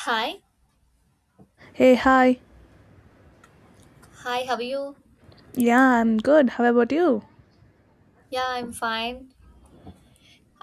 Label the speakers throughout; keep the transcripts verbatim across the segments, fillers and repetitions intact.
Speaker 1: Hi,
Speaker 2: Hey, hi.
Speaker 1: hi, how are you?
Speaker 2: Yeah, I'm good. How about you?
Speaker 1: Yeah, I'm fine.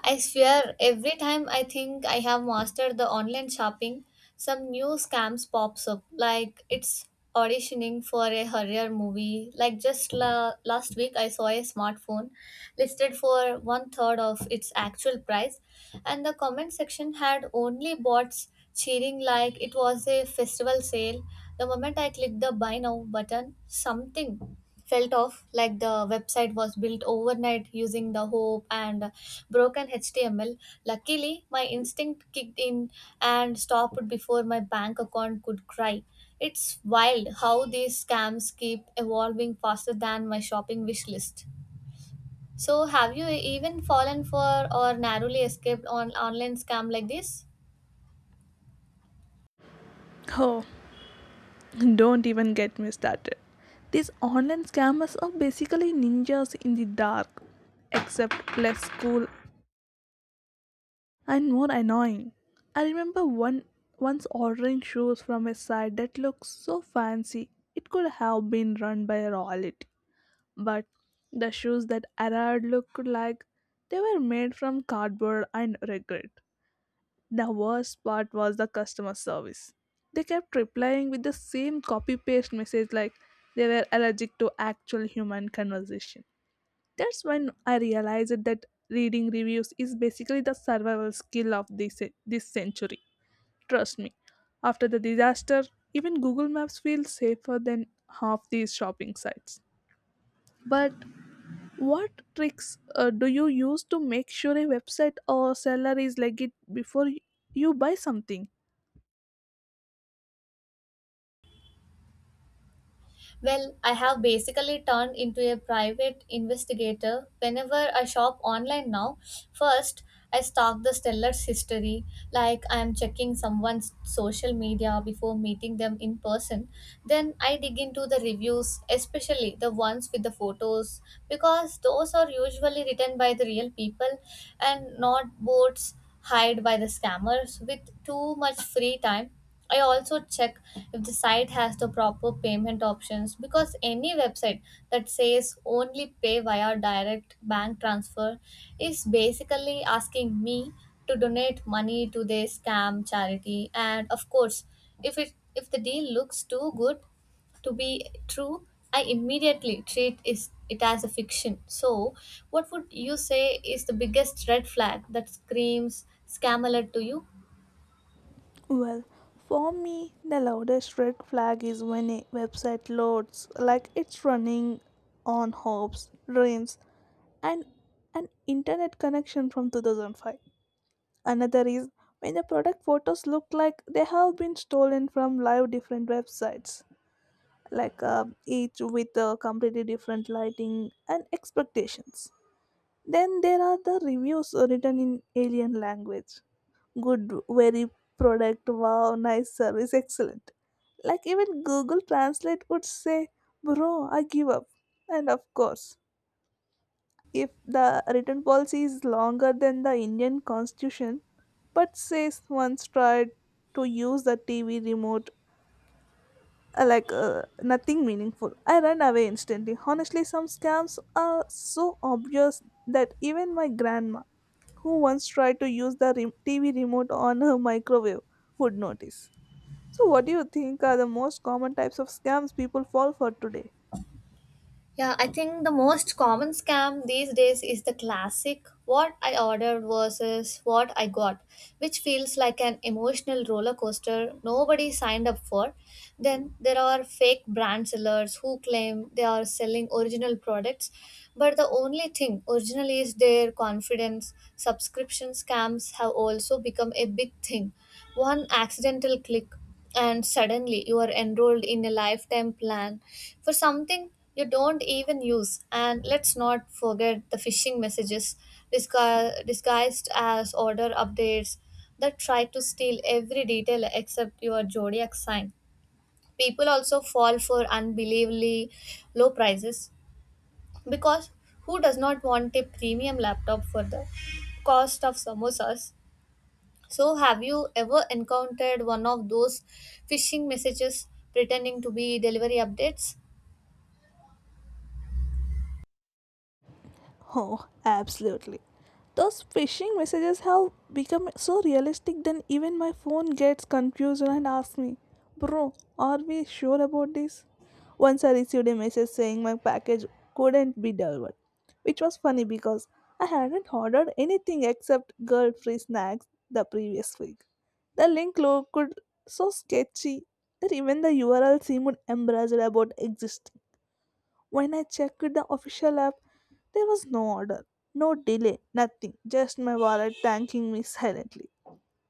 Speaker 1: I swear, every time I think I have mastered the online shopping, some new scams pops up. Like it's auditioning for a horror movie. Like just la- last week, I saw a smartphone listed for one third of its actual price, and the comment section had only bots cheering like it was a festival sale. The moment I clicked the buy now button, something felt off like the website was built overnight using the hope and broken H T M L. Luckily, my instinct kicked in and stopped before my bank account could cry. It's wild how these scams keep evolving faster than my shopping wish list. So, have you even fallen for or narrowly escaped on online scam like this?
Speaker 2: Oh, don't even get me started. These online scammers are basically ninjas in the dark, except less cool and more annoying. I remember one once ordering shoes from a site that looked so fancy it could have been run by royalty, but the shoes that arrived looked like they were made from cardboard and regret. The worst part was the customer service. They kept replying with the same copy paste message like they were allergic to actual human conversation. That's when I realized that reading reviews is basically the survival skill of this, this century. Trust me, after the disaster, even Google Maps feels safer than half these shopping sites. But what tricks uh, do you use to make sure a website or seller is legit before y- you buy something?
Speaker 1: Well, I have basically turned into a private investigator whenever I shop online now. First, I stalk the seller's history, like I am checking someone's social media before meeting them in person. Then I dig into the reviews, especially the ones with the photos, because those are usually written by the real people and not bots hired by the scammers with too much free time. I also check if the site has the proper payment options because any website that says only pay via direct bank transfer is basically asking me to donate money to their scam charity. And of course, if it if the deal looks too good to be true, I immediately treat is it as a fiction. So, what would you say is the biggest red flag that screams scam alert to you?
Speaker 2: Well, for me, the loudest red flag is when a website loads like it's running on hopes, dreams, and an internet connection from two thousand five. Another is when the product photos look like they have been stolen from live different websites, like uh, each with a completely different lighting and expectations. Then there are the reviews written in alien language, good, very, product, wow, nice service, excellent, like even Google Translate would say, bro, I give up. And of course, if the written policy is longer than the Indian constitution but says once tried to use the TV remote, uh, like uh, nothing meaningful, I run away instantly. Honestly, some scams are so obvious that even my grandma, who once tried to use the re- TV remote on her microwave, would notice. So, what do you think are the most common types of scams people fall for today?
Speaker 1: Yeah, I think the most common scam these days is the classic what I ordered versus what I got, which feels like an emotional roller coaster nobody signed up for. Then there are fake brand sellers who claim they are selling original products, but the only thing original is their confidence. Subscription scams have also become a big thing. One accidental click and suddenly you are enrolled in a lifetime plan for something you don't even use. And let's not forget the phishing messages disgu- disguised as order updates that try to steal every detail except your zodiac sign. People also fall for unbelievably low prices because who does not want a premium laptop for the cost of samosas? So, have you ever encountered one of those phishing messages pretending to be delivery updates?
Speaker 2: Oh, absolutely. Those phishing messages have become so realistic that even my phone gets confused and asks me, bro, are we sure about this? Once I received a message saying my package couldn't be delivered, which was funny because I hadn't ordered anything except girl free snacks the previous week. The link looked so sketchy that even the U R L seemed embarrassed about existing. When I checked the official app, there was no order, no delay, nothing, just my wallet thanking me silently.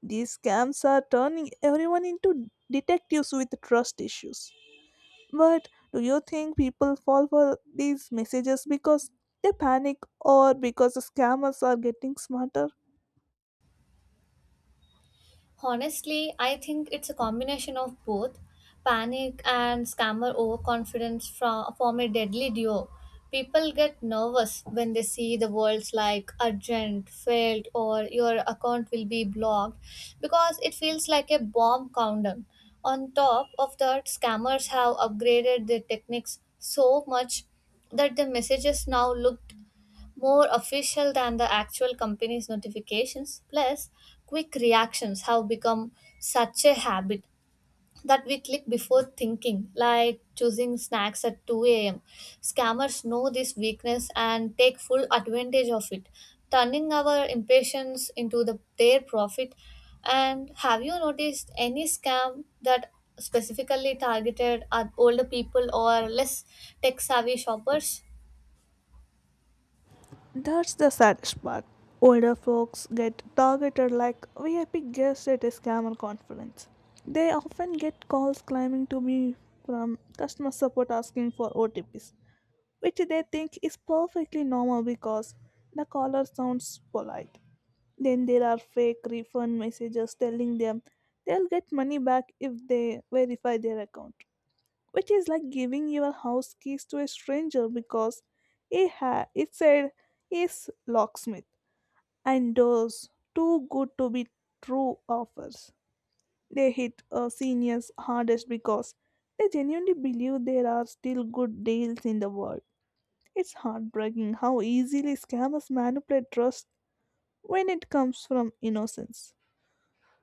Speaker 2: These scams are turning everyone into detectives with trust issues. But do you think people fall for these messages because they panic or because the scammers are getting smarter?
Speaker 1: Honestly, I think it's a combination of both panic and scammer overconfidence from, form a deadly duo. People get nervous when they see the words like urgent, failed, or your account will be blocked because it feels like a bomb countdown. On top of that, scammers have upgraded their techniques so much that the messages now look more official than the actual company's notifications. Plus, quick reactions have become such a habit that we click before thinking, like choosing snacks at two a m. Scammers know this weakness and take full advantage of it, turning our impatience into the, their profit. And have you noticed any scam that specifically targeted at older people or less tech savvy shoppers?
Speaker 2: That's the saddest part. Older folks get targeted like V I P guests at a scammer conference. They often get calls claiming to be from customer support asking for O T Ps, which they think is perfectly normal because the caller sounds polite. Then there are fake refund messages telling them they'll get money back if they verify their account, which is like giving your house keys to a stranger because he ha- it said is locksmith. And those too good to be true offers, they hit uh, seniors hardest because they genuinely believe there are still good deals in the world. It's heartbreaking how easily scammers manipulate trust when it comes from innocence.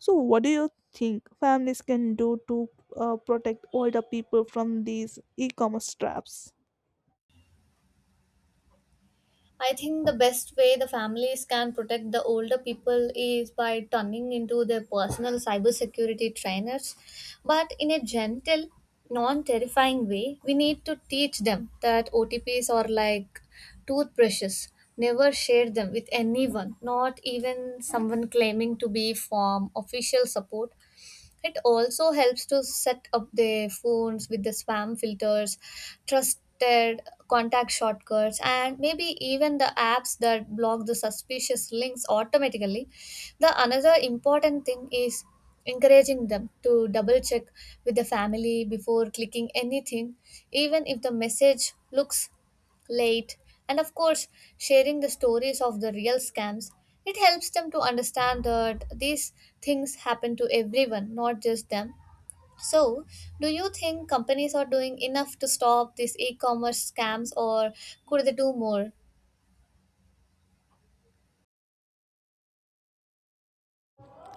Speaker 2: So, what do you think families can do to uh, protect older people from these e commerce traps?
Speaker 1: I think the best way the families can protect the older people is by turning into their personal cybersecurity trainers, but in a gentle, non terrifying way. We need to teach them that O T Ps are like toothbrushes. Never share them with anyone, not even someone claiming to be from official support. It also helps to set up their phones with the spam filters, trusted contact shortcuts, and maybe even the apps that block the suspicious links automatically. The another important thing is encouraging them to double check with the family before clicking anything, even if the message looks late. And of course, sharing the stories of the real scams, it helps them to understand that these things happen to everyone, not just them. So, do you think companies are doing enough to stop these e-commerce scams, or could they do more?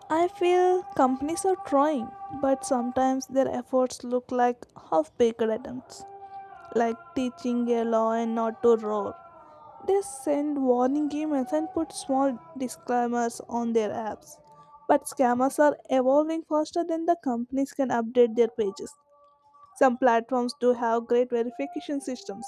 Speaker 2: I feel companies are trying, but sometimes their efforts look like half baked attempts, like teaching a law and not to roar. They send warning emails and put small disclaimers on their apps. But scammers are evolving faster than the companies can update their pages. Some platforms do have great verification systems,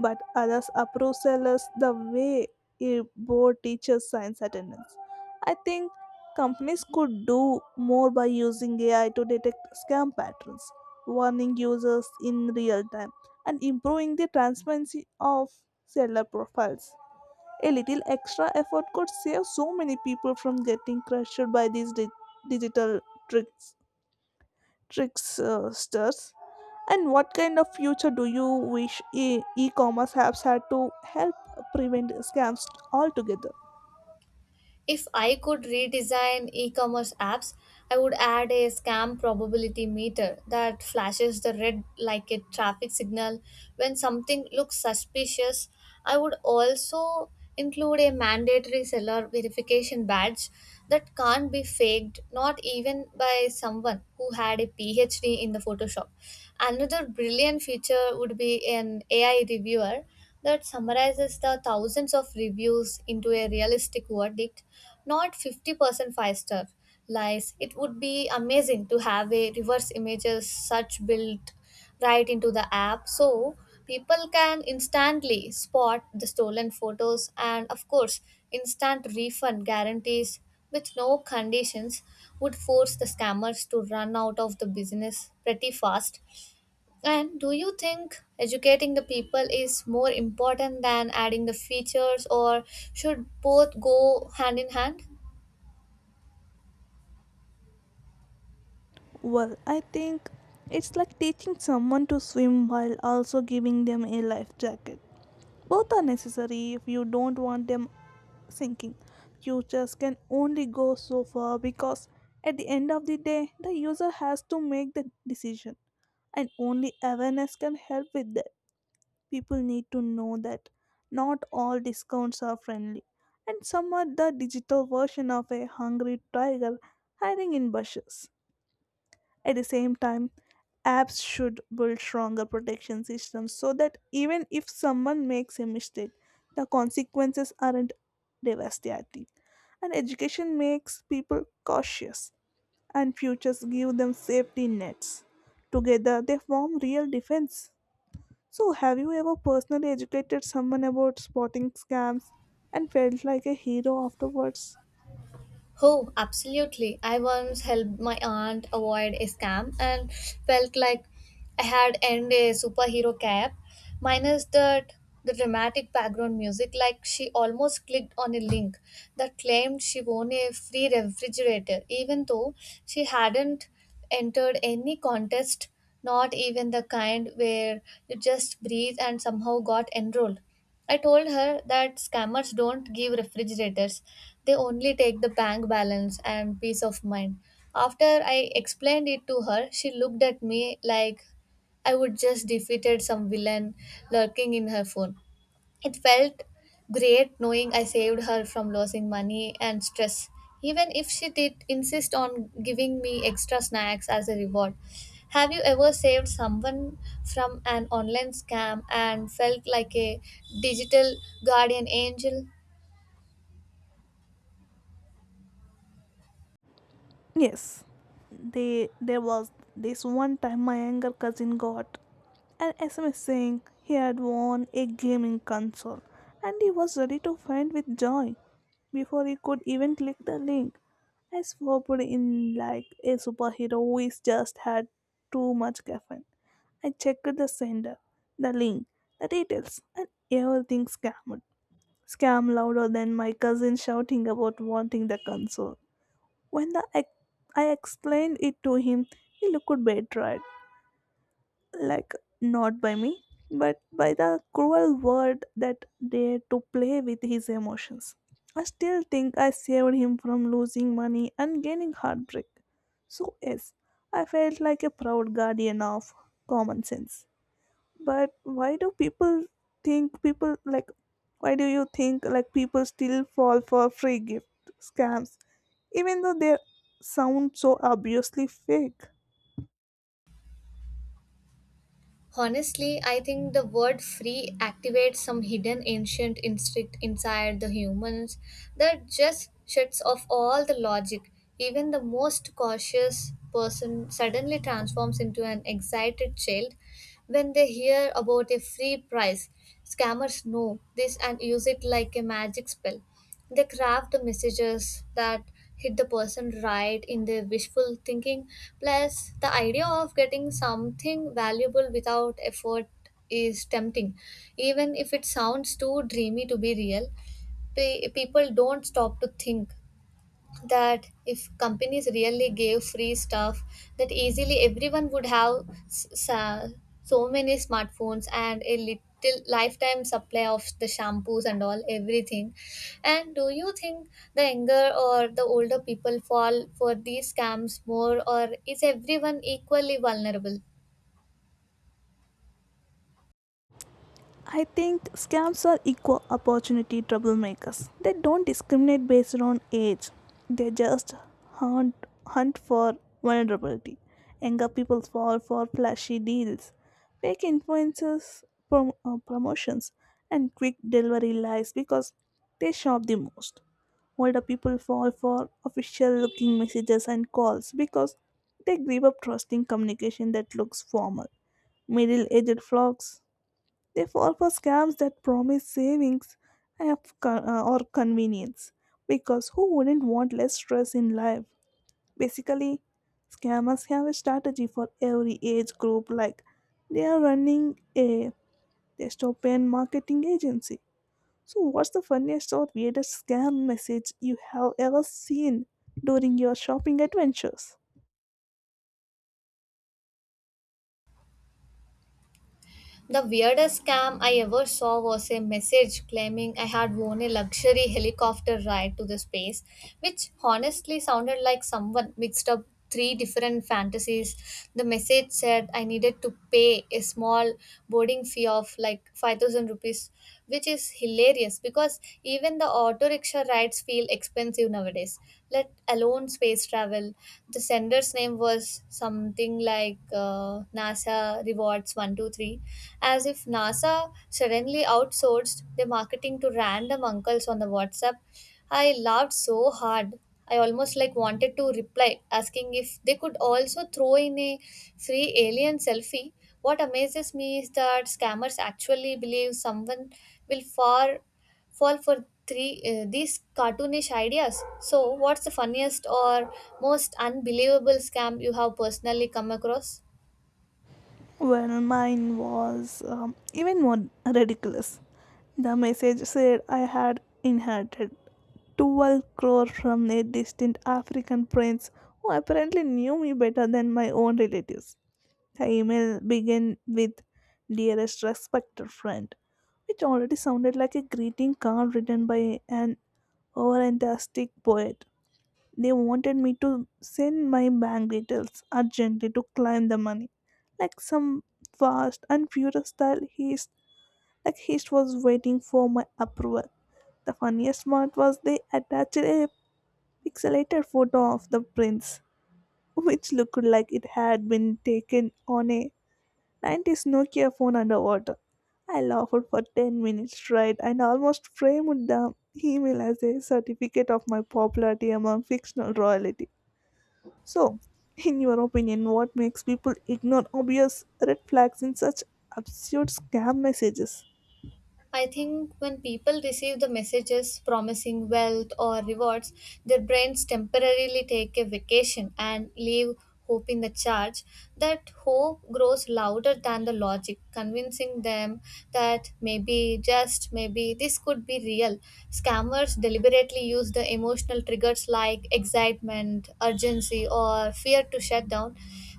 Speaker 2: but others approve sellers the way a board teachers science attendance. I think companies could do more by using A I to detect scam patterns, warning users in real time, and improving the transparency of seller profiles. A little extra effort could save so many people from getting crushed by these di- digital tricks tricksters. And what kind of future do you wish e- e-commerce apps had to help prevent scams altogether?
Speaker 1: If I could redesign e commerce apps, I would add a scam probability meter that flashes the red like a traffic signal when something looks suspicious. I would also include a mandatory seller verification badge that can't be faked, not even by someone who had a PhD in the Photoshop. Another brilliant feature would be an A I reviewer that summarizes the thousands of reviews into a realistic verdict, not fifty percent five star lies. It would be amazing to have a reverse images such built right into the app so people can instantly spot the stolen photos and, of course, instant refund guarantees with no conditions would force the scammers to run out of the business pretty fast. And do you think educating the people is more important than adding the features, or should both go hand in hand?
Speaker 2: Well, I think it's like teaching someone to swim while also giving them a life jacket. Both are necessary if you don't want them sinking. Futures can only go so far because at the end of the day, the user has to make the decision, and only awareness can help with that. People need to know that not all discounts are friendly, and some are the digital version of a hungry tiger hiding in bushes. At the same time, apps should build stronger protection systems so that even if someone makes a mistake, the consequences aren't devastating. And education makes people cautious, and futures give them safety nets. Together, they form real defense. So, have you ever personally educated someone about spotting scams and felt like a hero afterwards?
Speaker 1: Oh, absolutely. I once helped my aunt avoid a scam and felt like I had earned a superhero cap, minus that the dramatic background music, like she almost clicked on a link that claimed she won a free refrigerator, even though she hadn't entered any contest, not even the kind where you just breathe and somehow got enrolled. I told her that scammers don't give refrigerators, they only take the bank balance and peace of mind. After I explained it to her, she looked at me like I would just defeated some villain lurking in her phone. It felt great knowing I saved her from losing money and stress, even if she did insist on giving me extra snacks as a reward. Have you ever saved someone from an online scam and felt like a digital guardian angel?
Speaker 2: Yes, they, there was this one time my younger cousin got an S M S saying he had won a gaming console and he was ready to faint with joy before he could even click the link. I swooped in like a superhero who is just had too much caffeine. I checked the sender, the link, the details, and everything scammed. Scam louder than my cousin shouting about wanting the console. When the ex- I explained it to him, he looked betrayed, like not by me, but by the cruel word that dared to play with his emotions. I still think I saved him from losing money and gaining heartbreak. So yes, I felt like a proud guardian of common sense. But why do people think people like why do you think like people still fall for free gift scams even though they sound so obviously fake?
Speaker 1: Honestly, I think the word free activates some hidden ancient instinct inside the humans that just shuts off all the logic. Even the most cautious person suddenly transforms into an excited child when they hear about a free prize. Scammers know this and use it like a magic spell. They craft the messages that hit the person right in their wishful thinking. Plus, the idea of getting something valuable without effort is tempting. Even if it sounds too dreamy to be real, pe- people don't stop to think that if companies really gave free stuff that easily everyone would have s- sa- so many smartphones and a little lifetime supply of the shampoos and all everything. And do you think the younger or the older people fall for these scams more, or is everyone equally vulnerable?
Speaker 2: I think scams are equal opportunity troublemakers. They don't discriminate based on age. They just hunt hunt for vulnerability. Younger people fall for flashy deals, fake influencers, prom- uh, promotions, and quick delivery lies because they shop the most. Older people fall for official looking messages and calls because they give up trusting communication that looks formal. Middle aged flocks, they fall for scams that promise savings and of con- uh, or convenience, because who wouldn't want less stress in life? Basically, scammers have a strategy for every age group, like they are running a dystopian marketing agency. So, what's the funniest or weirdest scam message you have ever seen during your shopping adventures?
Speaker 1: The weirdest scam I ever saw was a message claiming I had won a luxury helicopter ride to the space, which honestly sounded like someone mixed up three different fantasies. The message said I needed to pay a small boarding fee of like five thousand rupees, which is hilarious because even the auto rickshaw rides feel expensive nowadays, let alone space travel. The sender's name was something like uh, NASA Rewards one two three, as if NASA suddenly outsourced the marketing to random uncles on the WhatsApp. I laughed so hard. I almost like wanted to reply, asking if they could also throw in a free alien selfie. What amazes me is that scammers actually believe someone will far fall for three uh, these cartoonish ideas. So, what's the funniest or most unbelievable scam you have personally come across?
Speaker 2: Well, mine was um, even more ridiculous. The message said I had inherited twelve crore from a distant African prince who apparently knew me better than my own relatives. The email began with, dearest respected friend, which already sounded like a greeting card written by an overenthusiastic poet. They wanted me to send my bank details urgently to claim the money. Like some fast and furious style, heist, like heist was waiting for my approval. The funniest part was they attached a pixelated photo of the prince, which looked like it had been taken on a nineties Nokia phone underwater. I laughed for ten minutes straight and almost framed the email as a certificate of my popularity among fictional royalty. So, in your opinion, what makes people ignore obvious red flags in such absurd scam messages?
Speaker 1: I think when people receive the messages promising wealth or rewards, their brains temporarily take a vacation and leave hope in the charge. That hope grows louder than the logic, convincing them that maybe, just maybe, this could be real. Scammers deliberately use the emotional triggers like excitement, urgency, or fear to shut down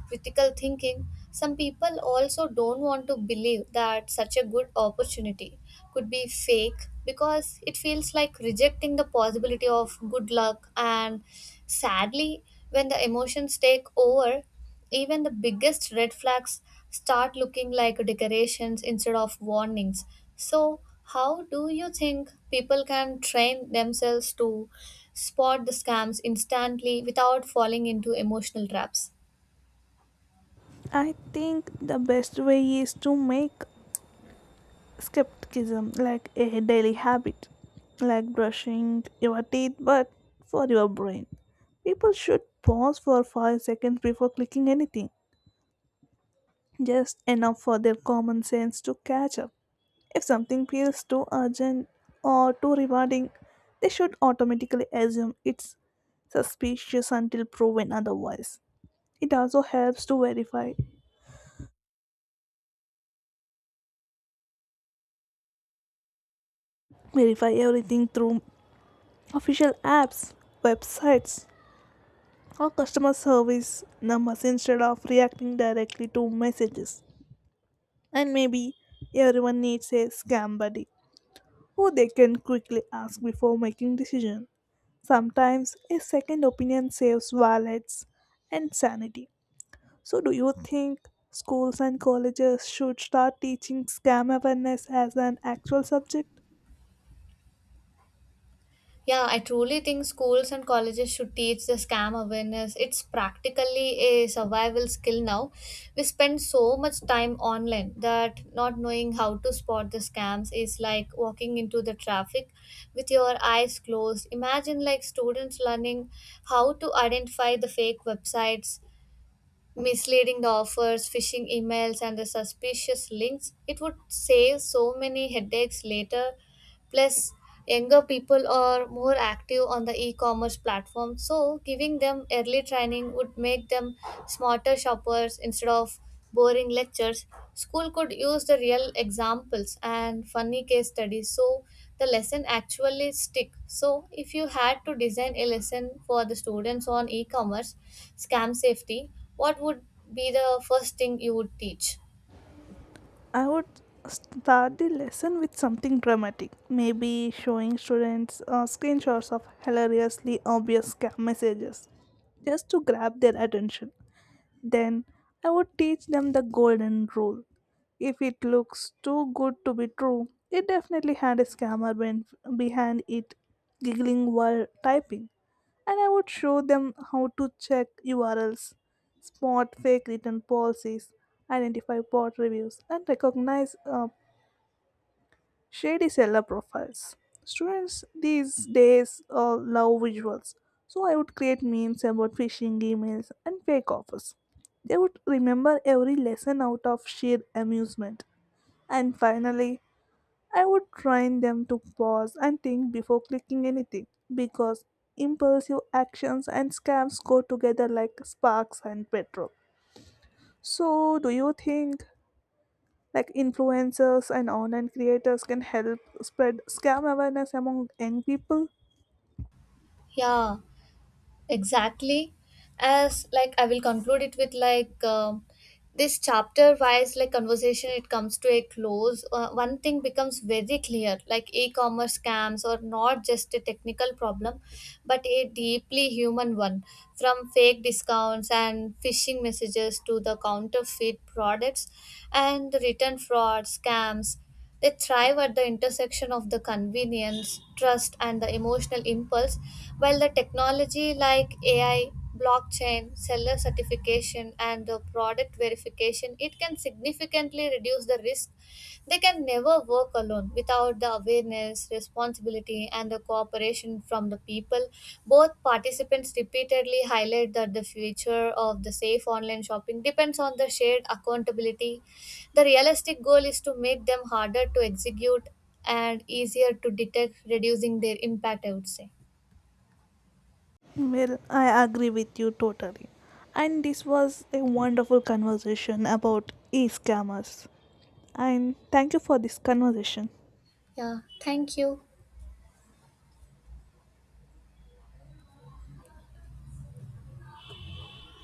Speaker 1: critical thinking. Some people also don't want to believe that such a good opportunity could be fake because it feels like rejecting the possibility of good luck. And sadly, when the emotions take over, even the biggest red flags start looking like decorations instead of warnings. So, how do you think people can train themselves to spot the scams instantly without falling into emotional traps?
Speaker 2: I think the best way is to make skepticism like a daily habit, like brushing your teeth, but for your brain. People should pause for five seconds before clicking anything, just enough for their common sense to catch up. If something feels too urgent or too rewarding, they should automatically assume it's suspicious until proven otherwise. It also helps to verify verify everything through official apps, websites, or customer service numbers instead of reacting directly to messages. And maybe everyone needs a scam buddy who they can quickly ask before making decisions. Sometimes a second opinion saves wallets and sanity. So, do you think schools and colleges should start teaching scam awareness as an actual subject?
Speaker 1: Yeah, I truly think schools and colleges should teach the scam awareness. It's practically a survival skill now. We spend so much time online that not knowing how to spot the scams is like walking into the traffic with your eyes closed. Imagine like students learning how to identify the fake websites, misleading the offers, phishing emails and the suspicious links. It would save so many headaches later. Plus, younger people are more active on the e commerce platform, so giving them early training would make them smarter shoppers instead of boring lectures. School could use the real examples and funny case studies so the lesson actually stick. So if you had to design a lesson for the students on e-commerce scam safety, what would be the first thing you would teach?
Speaker 2: I would start the lesson with something dramatic, maybe showing students uh, screenshots of hilariously obvious scam messages just to grab their attention. Then I would teach them the golden rule. If it looks too good to be true, it definitely had a scammer ben- behind it, giggling while typing. And I would show them how to check U R Ls, spot fake written policies, identify bot reviews, and recognize uh, shady seller profiles. Students these days uh, love visuals, so I would create memes about phishing emails and fake offers. They would remember every lesson out of sheer amusement. And finally, I would train them to pause and think before clicking anything because impulsive actions and scams go together like sparks and petrol. So, do you think like influencers and online creators can help spread scam awareness among young people?
Speaker 1: Yeah, exactly. As like i will conclude it with like um this chapter wise like conversation. It comes to a close. Uh, one thing becomes very clear, like e-commerce scams are not just a technical problem but a deeply human one. From fake discounts and phishing messages to the counterfeit products and return fraud scams, they thrive at the intersection of the convenience, trust, and the emotional impulse, while the technology like A I, blockchain, seller certification, and the product verification, it can significantly reduce the risk. They can never work alone without the awareness, responsibility, and the cooperation from the people. Both participants repeatedly highlight that the future of the safe online shopping depends on the shared accountability. The realistic goal is to make them harder to execute and easier to detect, reducing their impact, I would say.
Speaker 2: Well, I agree with you totally. And this was a wonderful conversation about e scammers. And thank you for this conversation.
Speaker 1: Yeah, thank you.